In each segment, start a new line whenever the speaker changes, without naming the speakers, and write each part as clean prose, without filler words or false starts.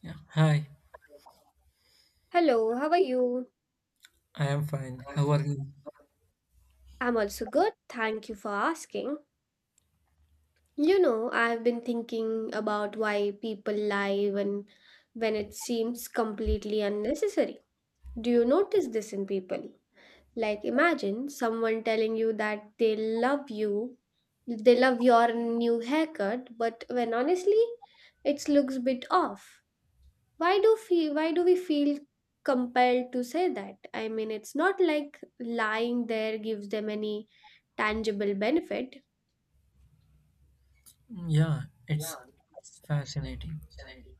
Yeah. Hi,
Hello, how are you?
I am fine. How are you?
I'm also good. Thank you for asking. You know, I've been thinking about why people lie when it seems completely unnecessary. Do you notice this in people? Like imagine someone telling you that they love you, they love your new haircut, but when honestly it looks bit off. Why do we feel compelled to say that. I mean, it's not like lying there gives them any tangible benefit.
Yeah, it's fascinating.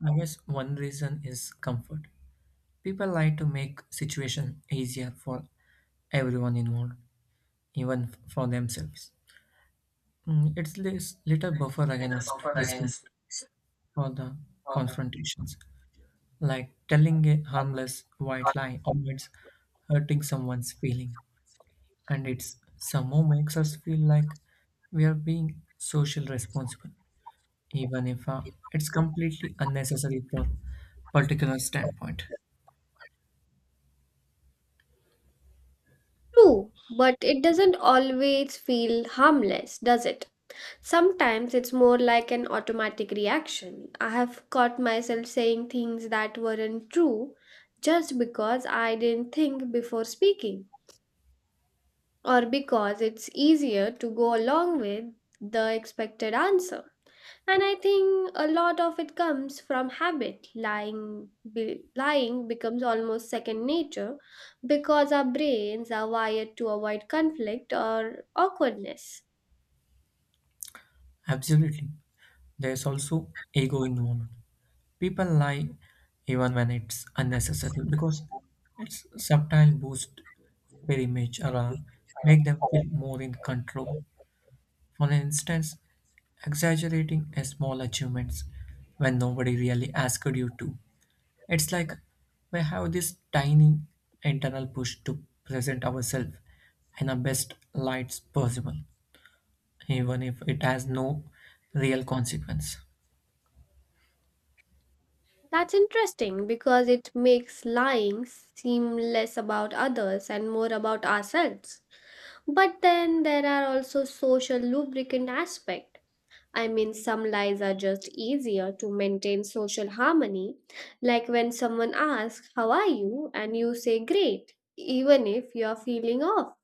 I guess one reason is comfort. People like to make situation easier for everyone involved, even for themselves. It's this little buffer against discomfort for the confrontations, like telling a harmless white lie avoids hurting someone's feeling, and it's somehow makes us feel like we are being social responsible even if it's completely unnecessary for particular standpoint.
True, but it doesn't always feel harmless, does it? Sometimes it's more like an automatic reaction. I have caught myself saying things that weren't true just because I didn't think before speaking, or because it's easier to go along with the expected answer. And I think a lot of it comes from habit. Lying becomes almost second nature because our brains are wired to avoid conflict or awkwardness.
Absolutely, there's also ego involved. People lie even when it's unnecessary because it's subtle boost their image or make them feel more in control. For instance, exaggerating a small achievements when nobody really asked you to. It's like we have this tiny internal push to present ourselves in the best lights possible, even if it has no real consequence.
That's interesting because it makes lying seem less about others and more about ourselves. But then there are also social lubricant aspects. I mean, some lies are just easier to maintain social harmony, like when someone asks, How are you? And you say, Great, even if you're feeling off.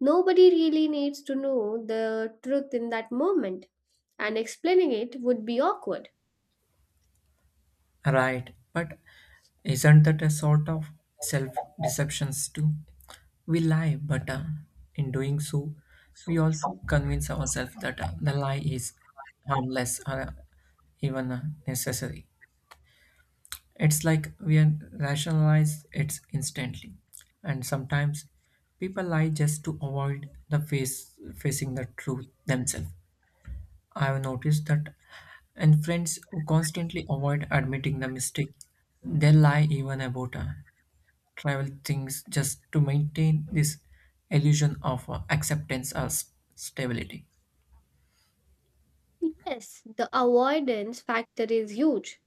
Nobody really needs to know the truth in that moment, and explaining it would be awkward.
Right, but isn't that a sort of self deceptions too? We lie, but in doing so, we also convince ourselves that the lie is harmless or even necessary. It's like we are- rationalize it instantly. And sometimes people lie just to avoid the face facing the truth themselves. I have noticed that and friends who constantly avoid admitting the mistake, they lie even about travel things just to maintain this illusion of acceptance or stability.
Yes, the avoidance factor is huge.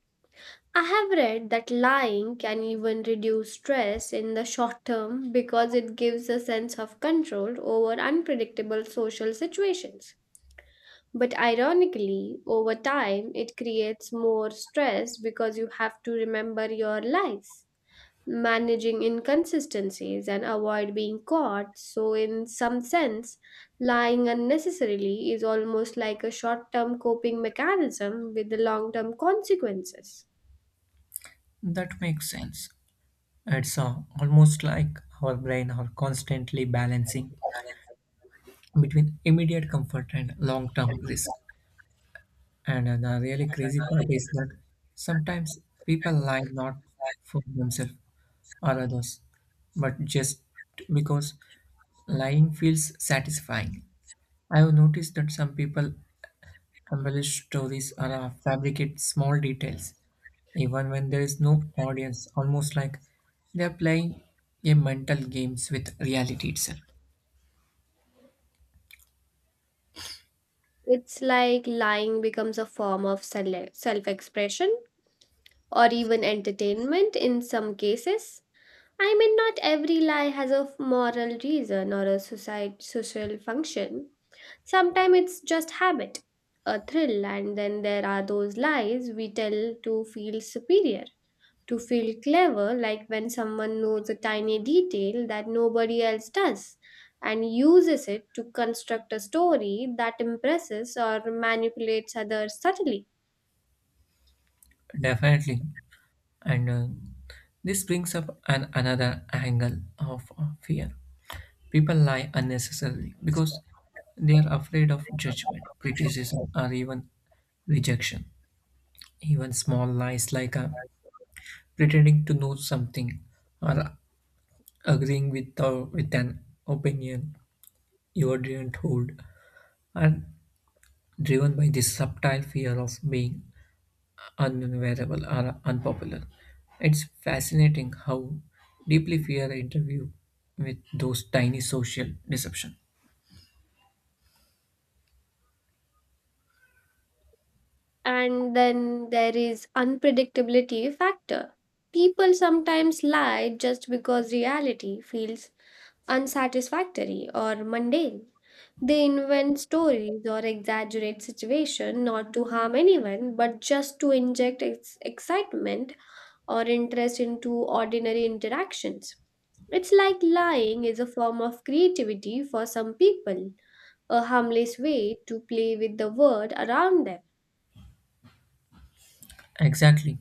I have read that lying can even reduce stress in the short term because it gives a sense of control over unpredictable social situations. But ironically, over time, it creates more stress because you have to remember your lies, managing inconsistencies, and avoid being caught. So, in some sense, lying unnecessarily is almost like a short term coping mechanism with the long term consequences.
That makes sense. It's almost like our brain are constantly balancing between immediate comfort and long-term risk. And the really crazy part is that sometimes people lie not for themselves or others, but just because lying feels satisfying. I have noticed that some people embellish stories or fabricate small details, even when there is no audience, almost like they are playing a mental games with reality itself.
It's like lying becomes a form of self expression or even entertainment in some cases. I mean, not every lie has a moral reason or a societ social function. Sometimes it's just habit, a thrill, and then there are those lies we tell to feel superior, to feel clever, like when someone knows a tiny detail that nobody else does and uses it to construct a story that impresses or manipulates others subtly.
Definitely. And this brings up an another angle of fear. People lie unnecessarily because they are afraid of judgment, criticism, or even rejection. Even small lies like pretending to know something or agreeing with an opinion you didn't hold are driven by this subtle fear of being unbearable or unpopular. It's fascinating how deeply fear interview with those tiny social deception.
And then there is unpredictability factor. People sometimes lie just because reality feels unsatisfactory or mundane. They invent stories or exaggerate situation not to harm anyone but just to inject excitement or interest into ordinary interactions. It's like lying is a form of creativity for some people, a harmless way to play with the world around them.
Exactly.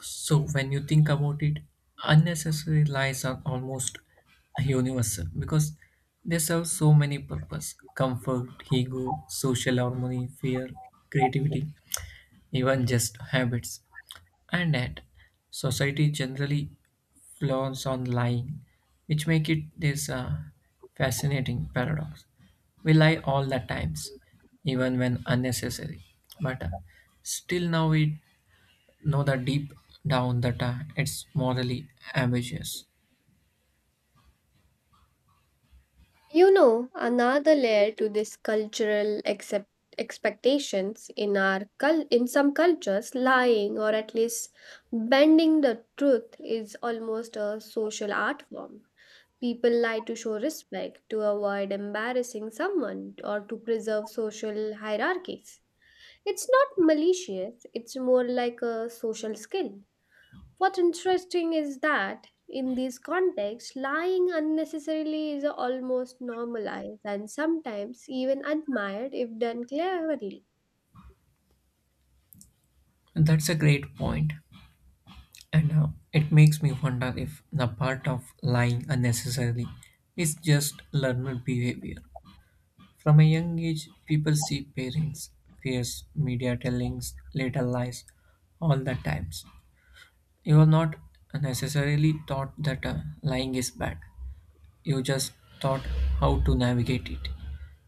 So when you think about it, unnecessary lies are almost universal because they serve so many purpose: comfort, ego, social harmony, fear, creativity, even just habits. And yet society generally flaws on lying, which make it this fascinating paradox. We lie all the times, even when unnecessary, but still now we know that deep down that it's morally ambiguous.
You know, another layer to this cultural accept expectations in our in some cultures, lying or at least bending the truth is almost a social art form. People lie to show respect, to avoid embarrassing someone, or to preserve social hierarchies. It's not malicious, it's more like a social skill. What's interesting is that in these contexts, lying unnecessarily is almost normalized and sometimes even admired if done cleverly.
That's a great point, and it makes me wonder if the part of lying unnecessarily is just learned behavior. From a young age, people see parents, fears, media tellings, little lies, all the times. You are not necessarily taught that lying is bad. You just taught how to navigate it.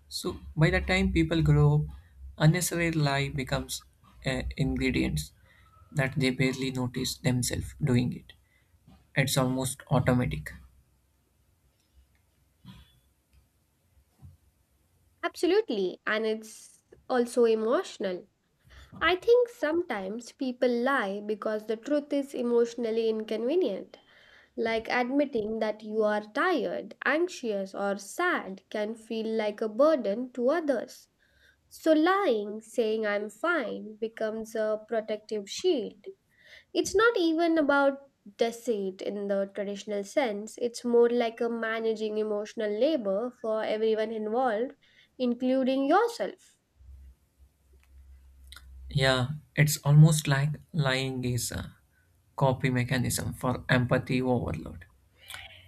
So by the time people grow up, unnecessary lie becomes ingredients that they barely notice themselves doing it. It's almost automatic.
Absolutely, and it's also emotional. I think sometimes people lie because the truth is emotionally inconvenient. Like admitting that you are tired, anxious, or sad can feel like a burden to others. So, lying, saying I'm fine, becomes a protective shield. It's not even about deceit in the traditional sense, it's more like a managing emotional labor for everyone involved, including yourself.
Yeah, it's almost like lying is a copy mechanism for empathy overload.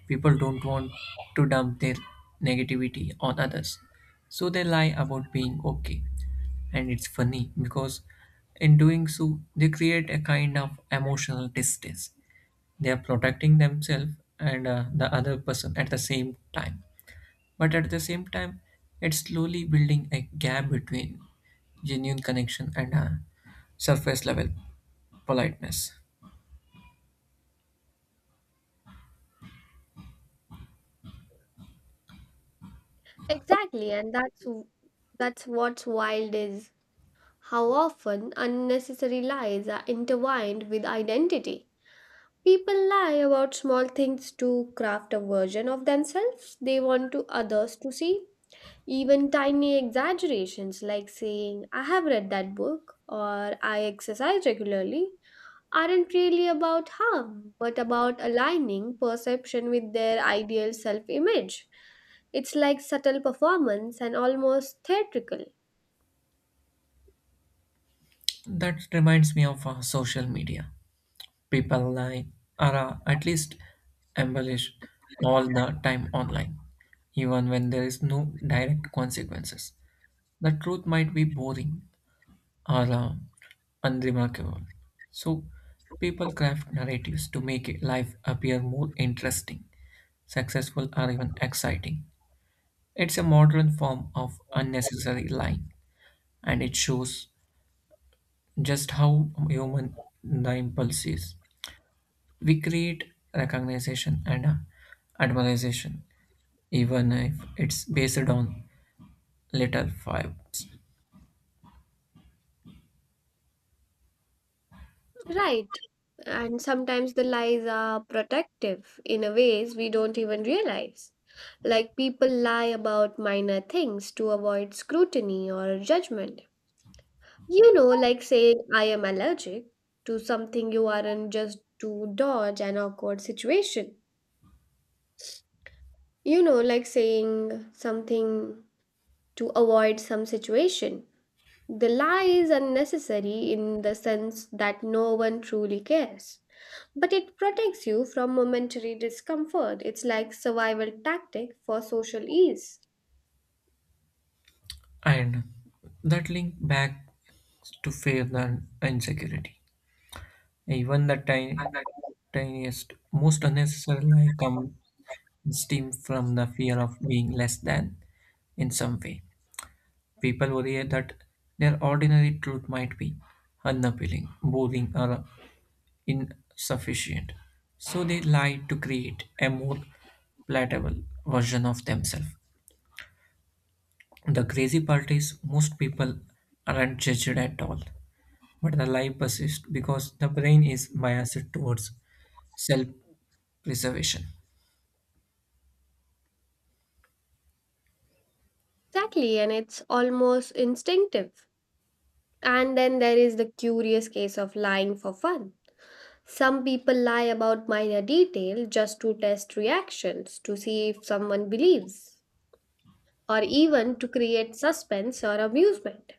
People don't want to dump their negativity on others, so they lie about being okay. And it's funny because in doing so, they create a kind of emotional distance. They are protecting themselves and the other person at the same time. But at the same time, it's slowly building a gap between genuine connection and surface level politeness.
Exactly, and that's what's wild is how often unnecessary lies are intertwined with identity. People lie about small things to craft a version of themselves they want to others to see. Even tiny exaggerations like saying, I have read that book or I exercise regularly aren't really about harm, but about aligning perception with their ideal self image. It's like subtle performance and almost theatrical.
That reminds me of social media. People lie or at least embellish all the time online, even when there is no direct consequences. The truth might be boring or unremarkable. So people craft narratives to make life appear more interesting, successful, or even exciting. It's a modern form of unnecessary lying, and it shows just how human the impulse is. We create recognition and admiration, even if it's based on little vibes.
Right. And sometimes the lies are protective in a ways we don't even realize. Like people lie about minor things to avoid scrutiny or judgment. You know, like saying I am allergic to something you aren't just to dodge an awkward situation. You know, like saying something to avoid some situation. The lie is unnecessary in the sense that no one truly cares. But it protects you from momentary discomfort. It's like survival tactic for social ease.
And that link back to faith and insecurity. Even the tiniest, most unnecessary lie comes steam from the fear of being less than in some way. People worry that their ordinary truth might be unappealing, boring, or insufficient. So they lie to create a more palatable version of themselves. The crazy part is most people aren't judged at all, but the lie persists because the brain is biased towards self preservation.
Exactly, and it's almost instinctive. And then there is the curious case of lying for fun. Some people lie about minor detail just to test reactions, to see if someone believes, or even to create suspense or amusement.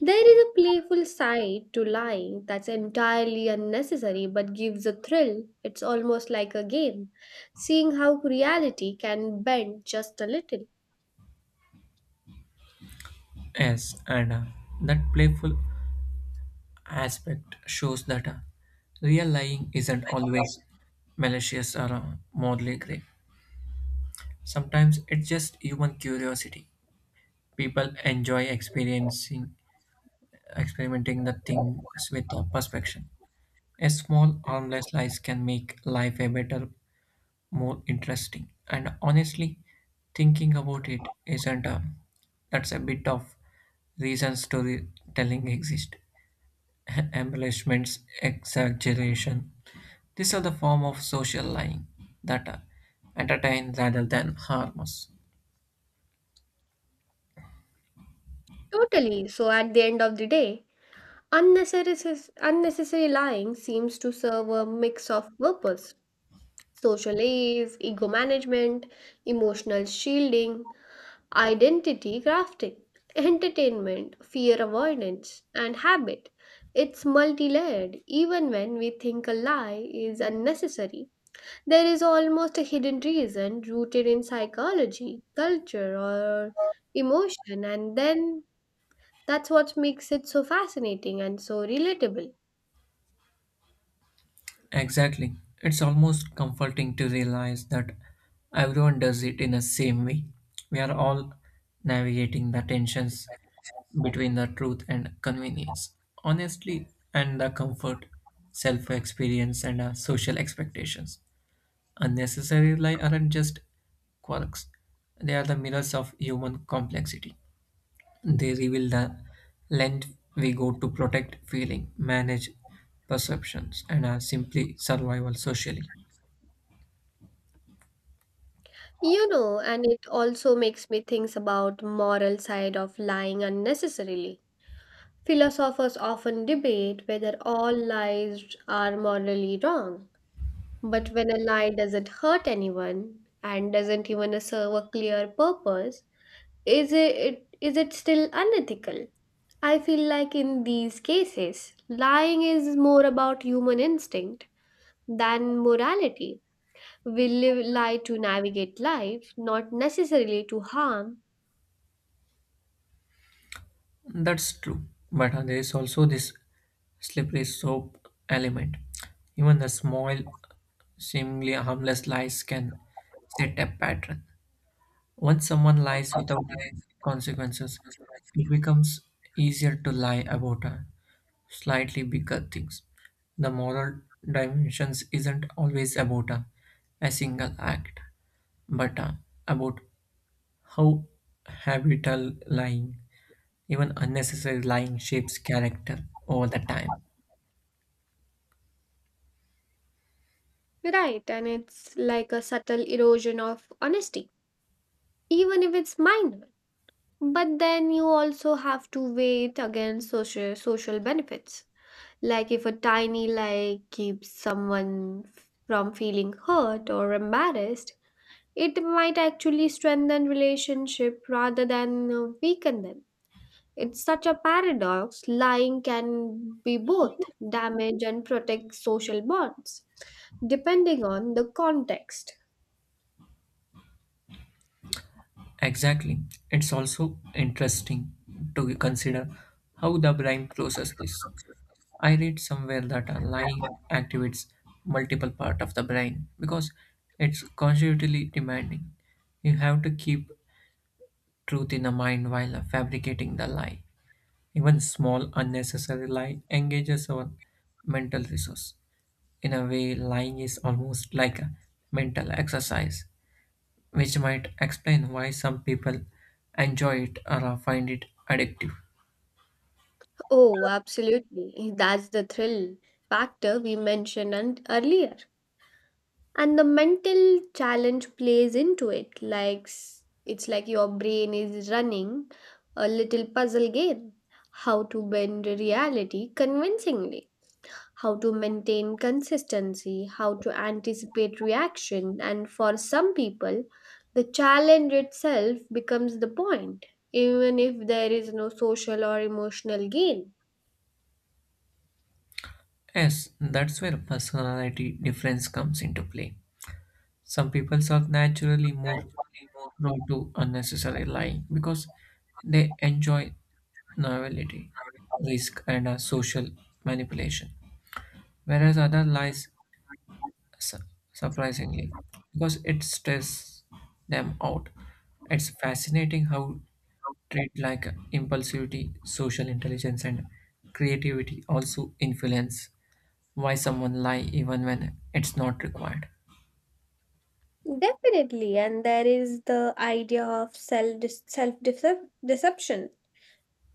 There is a playful side to lying that's entirely unnecessary but gives a thrill. It's almost like a game, seeing how reality can bend just a little.
Yes, and that playful aspect shows that real lying isn't always malicious or morally grey. Sometimes it's just human curiosity. People enjoy experimenting the things with perfection. A small harmless lies can make life a better, more interesting. And honestly, thinking about it isn't a. That's a bit of reasons storytelling exists. Embellishments, exaggeration. These are the form of social lying that entertain rather than harm us.
Totally. So at the end of the day, unnecessary lying seems to serve a mix of purpose. Social ease, ego management, emotional shielding, identity crafting, entertainment, fear avoidance, and habit. It's multi layered, even when we think a lie is unnecessary. There is almost a hidden reason rooted in psychology, culture, or emotion, and then that's what makes it so fascinating and so relatable.
Exactly. It's almost comforting to realize that everyone does it in the same way. We are all navigating the tensions between the truth and convenience, honestly, and the comfort, self experience, and social expectations. Unnecessary lies aren't just quirks, they are the mirrors of human complexity. They reveal the length we go to protect feeling, manage perceptions, and are simply survival socially.
You know, and it also makes me think about moral side of lying unnecessarily. Philosophers often debate whether all lies are morally wrong, but when a lie doesn't hurt anyone and doesn't even serve a clear purpose, is it still unethical? I feel like in these cases, lying is more about human instinct than morality. We live lie to navigate life, not necessarily to harm.
That's true, but there is also this slippery soap element. Even the small, seemingly harmless lies can set a pattern. Once someone lies without consequences, it becomes easier to lie about slightly bigger things. The moral dimensions isn't always about a single act, but about how habitual lying, even unnecessary lying, shapes character over the time.
Right, and it's like a subtle erosion of honesty, even if it's minor. But then you also have to weigh it against social benefits. Like if a tiny lie keeps someone from feeling hurt or embarrassed, it might actually strengthen relationship rather than weaken them. It's such a paradox. Lying can be both damage and protect social bonds, depending on the context.
Exactly. It's also interesting to consider how the brain processes this. I read somewhere that a lying activates multiple part of the brain because it's constantly demanding. You have to keep truth in the mind while fabricating the lie. Even small unnecessary lie engages our mental resource. In a way, lying is almost like a mental exercise, which might explain why some people enjoy it or find it addictive.
Oh, absolutely. That's the thrill factor we mentioned and earlier. And the mental challenge plays into it. Like it's like your brain is running a little puzzle game. How to bend reality convincingly, how to maintain consistency, how to anticipate reaction, and for some people, the challenge itself becomes the point, even if there is no social or emotional gain.
Yes, that's where personality difference comes into play. Some people are naturally more not to unnecessary lying because they enjoy novelty, risk, and social manipulation. Whereas other lies su- surprisingly because it stresses them out. It's fascinating how traits like impulsivity, social intelligence, and creativity also influence why someone lie even when it's not required.
Definitely, and there is the idea of self deception.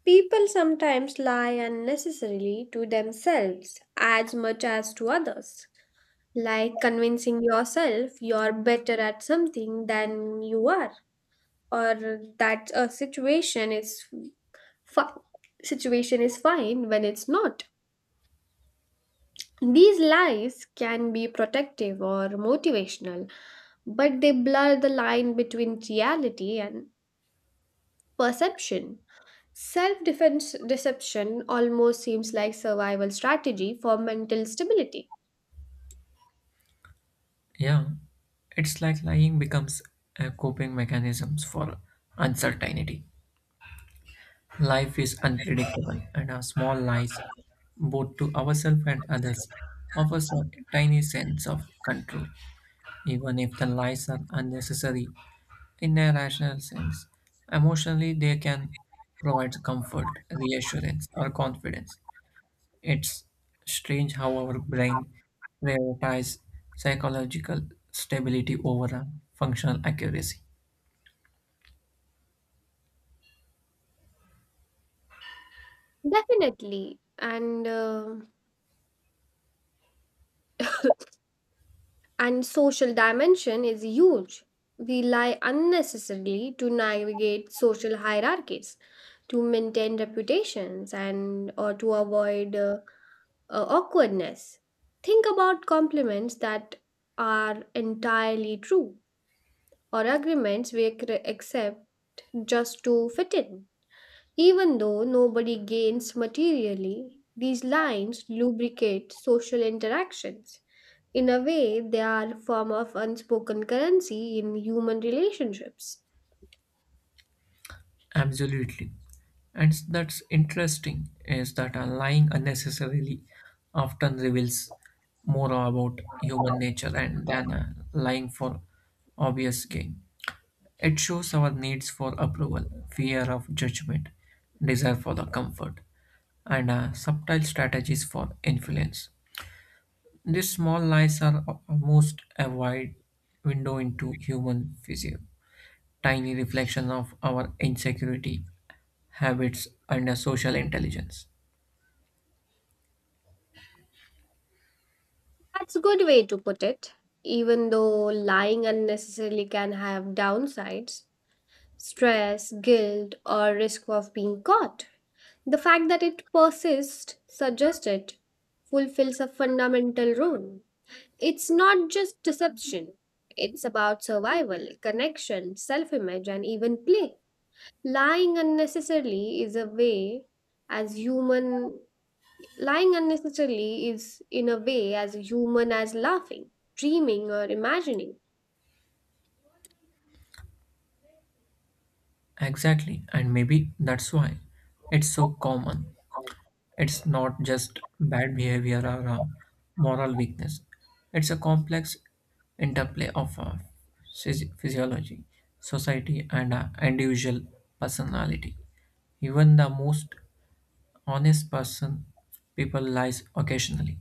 People sometimes lie unnecessarily to themselves as much as to others, like convincing yourself you're better at something than you are, or that a situation is fi- situation is fine when it's not. These lies can be protective or motivational, but they blur the line between reality and perception. Self defense deception almost seems like survival strategy for mental stability.
Yeah, it's like lying becomes a coping mechanism for uncertainty. Life is unpredictable, and our small lies, both to ourselves and others, offers a tiny sense of control, even if the lies are unnecessary in a rational sense. Emotionally, they can provide comfort, reassurance, or confidence, it's strange how our brain prioritizes psychological stability over a functional accuracy.
Definitely. And and social dimension is huge. We lie unnecessarily to navigate social hierarchies, to maintain reputations, and or to avoid awkwardness. Think about compliments that are entirely true or agreements we accept just to fit in. Even though nobody gains materially, these lines lubricate social interactions. In a way, they are a form of unspoken currency in human relationships.
Absolutely. And that's interesting is that a lying unnecessarily often reveals more about human nature and than a lying for obvious gain. It shows our needs for approval, fear of judgment, desire for the comfort, and subtle strategies for influence. These small lies are almost a wide window into human physio, tiny reflections of our insecurity, habits, and a social intelligence.
That's a good way to put it. Even though lying unnecessarily can have downsides, stress, guilt, or risk of being caught. The fact that it persists suggests it fulfills a fundamental role. It's not just deception, it's about survival, connection, self image, and even play. Lying unnecessarily is a way, as human, lying unnecessarily is in a way as human as laughing, dreaming, or imagining.
Exactly, and maybe that's why it's so common. It's not just bad behavior or a moral weakness, it's a complex interplay of physiology, society, and individual personality. Even the most honest person, people lies occasionally,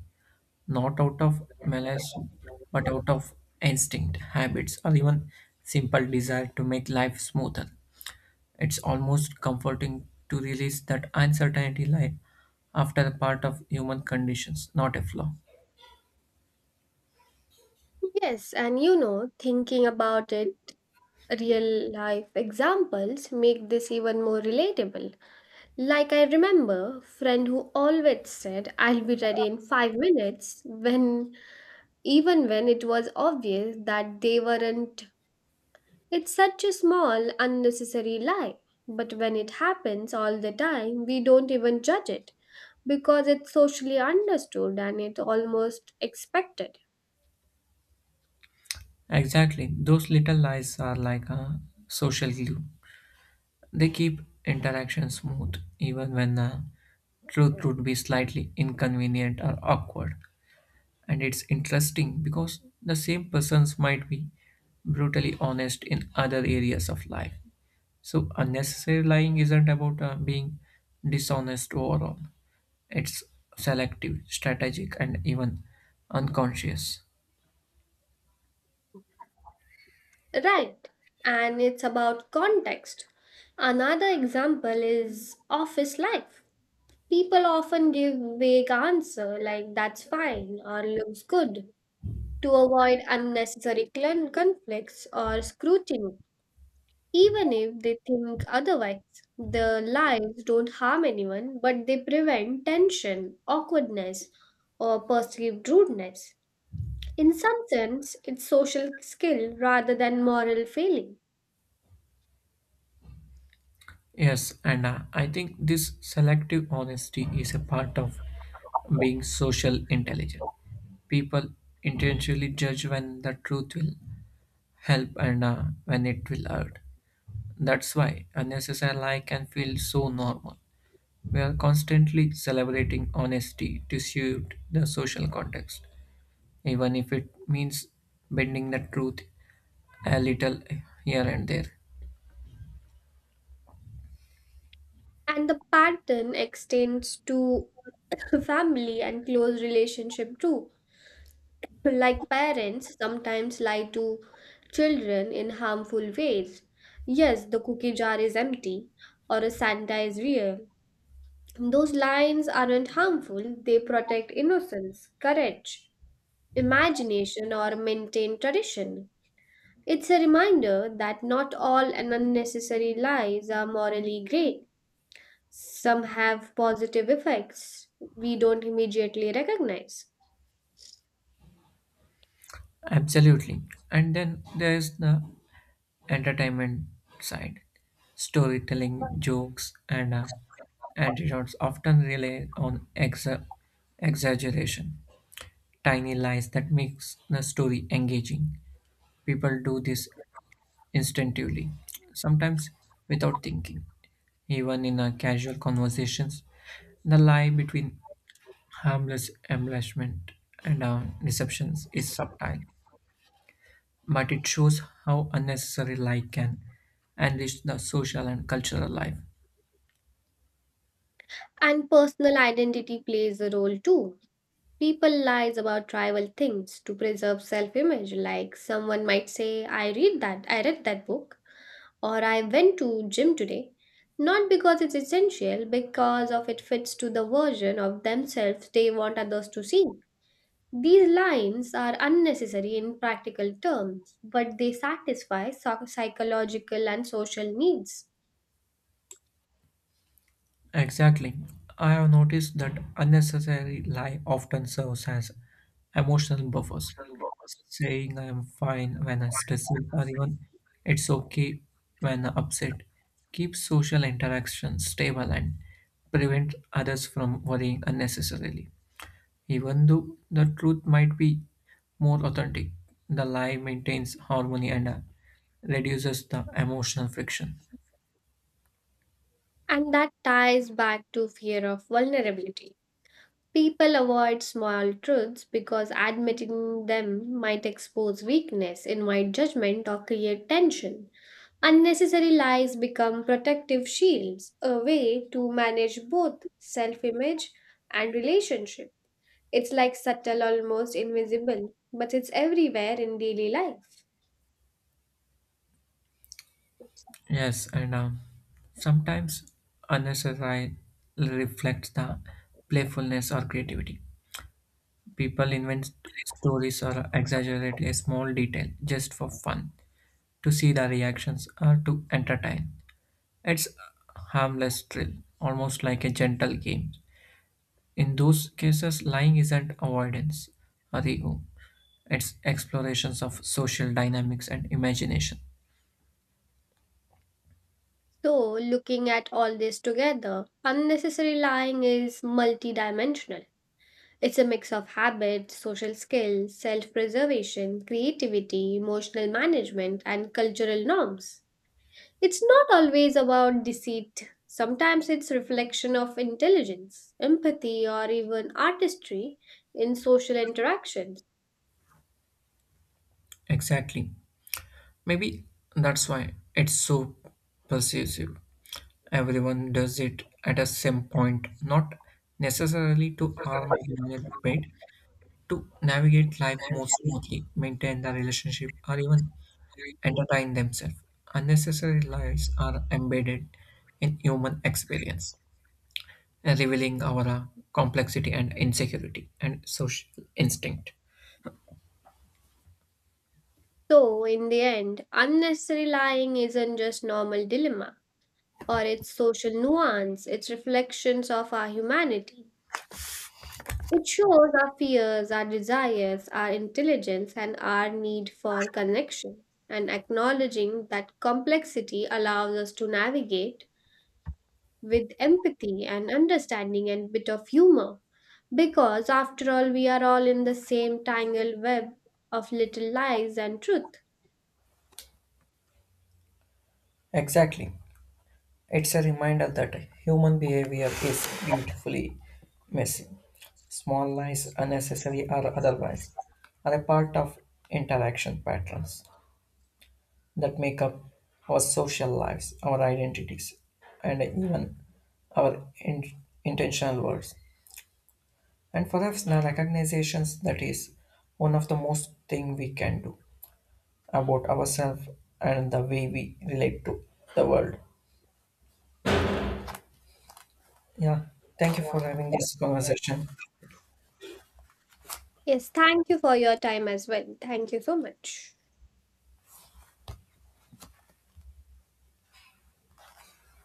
not out of malice, but out of instinct, habits, or even simple desire to make life smoother. It's almost comforting to realize that uncertainty lies after a part of human conditions, not a flaw.
Yes, and you know, thinking about it, real life examples make this even more relatable. Like I remember friend who always said I'll be ready in 5 minutes when even when it was obvious that they weren't. It's such a small unnecessary lie, but when it happens all the time we don't even judge it because it's socially understood and it's almost expected.
Exactly, those little lies are like a social glue. They keep interaction smooth, even when the truth would be slightly inconvenient or awkward. And it's interesting because the same persons might be brutally honest in other areas of life, so unnecessary lying isn't about being dishonest overall. It's selective, strategic, and even unconscious.
Right. And it's about context. Another example is office life. People often give vague answer like that's fine or looks good to avoid unnecessary conflicts or scrutiny, even if they think otherwise. The lies don't harm anyone, but they prevent tension, awkwardness, or perceived rudeness. In some sense, it's social skill rather than moral failing.
Yes, and I think this selective honesty is a part of being social intelligent. People intentionally judge when the truth will help and when it will hurt. That's why unnecessary lie can feel so normal. We are constantly celebrating honesty to suit the social context, even if it means bending the truth a little here and there.
And the pattern extends to family and close relationship too. Like parents sometimes lie to children in harmful ways. Yes, the cookie jar is empty, or a Santa is real. Those lines aren't harmful, they protect innocence, courage, imagination, or maintain tradition. It's a reminder that not all and unnecessary lies are morally great. Some have positive effects we don't immediately recognize.
Absolutely. And then there is the entertainment side. Storytelling, jokes, and antidotes often rely on exaggeration, tiny lies that makes the story engaging. People do this instinctively, sometimes without thinking. Even in a casual conversations, the lie between harmless embellishment and deceptions is subtle, but it shows how unnecessary lie can enrich the social and cultural life.
And personal identity plays a role too. People lies about trivial things to preserve self-image. Like someone might say, "I read that book," or "I went to gym today," not because it's essential, because of it fits to the version of themselves they want others to see. These lines are unnecessary in practical terms, but they satisfy psychological and social needs.
Exactly. I have noticed that unnecessary lie often serves as emotional buffers. Saying I am fine when I'm stressed or even it's okay when I'm upset keeps social interactions stable and prevent others from worrying unnecessarily. Even though the truth might be more authentic, the lie maintains harmony and reduces the emotional friction.
And that ties back to fear of vulnerability. People avoid small truths because admitting them might expose weakness, invite judgment, or create tension. Unnecessary lies become protective shields, a way to manage both self image and relationship. It's like subtle, almost invisible, but it's everywhere in daily life.
Yes, and sometimes unnecessary reflects the playfulness or creativity. People invent stories or exaggerate a small detail just for fun, to see the reactions or to entertain. It's a harmless thrill, almost like a gentle game. In those cases, lying isn't avoidance or ego, it's explorations of social dynamics and imagination.
So, looking at all this together, unnecessary lying is multidimensional. It's a mix of habits, social skills, self preservation, creativity, emotional management, and cultural norms. It's not always about deceit. Sometimes it's reflection of intelligence, empathy, or even artistry in social interactions.
Exactly. Maybe that's why it's so persuasive. Everyone does it at a same point, not necessarily to arm their bed, to navigate life more smoothly, maintain the relationship, or even entertain themselves. Unnecessary lies are embedded in human experience, revealing our complexity and insecurity and social instinct.
So, in the end, unnecessary lying isn't just normal dilemma, or it's social nuance, it's reflections of our humanity. It shows our fears, our desires, our intelligence, and our need for connection. And acknowledging that complexity allows us to navigate with empathy and understanding and bit of humor. Because after all, we are all in the same tangled web of little lies and truth.
Exactly. It's a reminder that human behavior is beautifully messy. Small lies, unnecessary or otherwise, are a part of interaction patterns that make up our social lives, our identities, and even our intentional words. And perhaps the recognizations that is one of the most thing we can do about ourselves and the way we relate to the world. Yeah. Thank you for having this conversation.
Yes, thank you for your time as well. Thank you so much.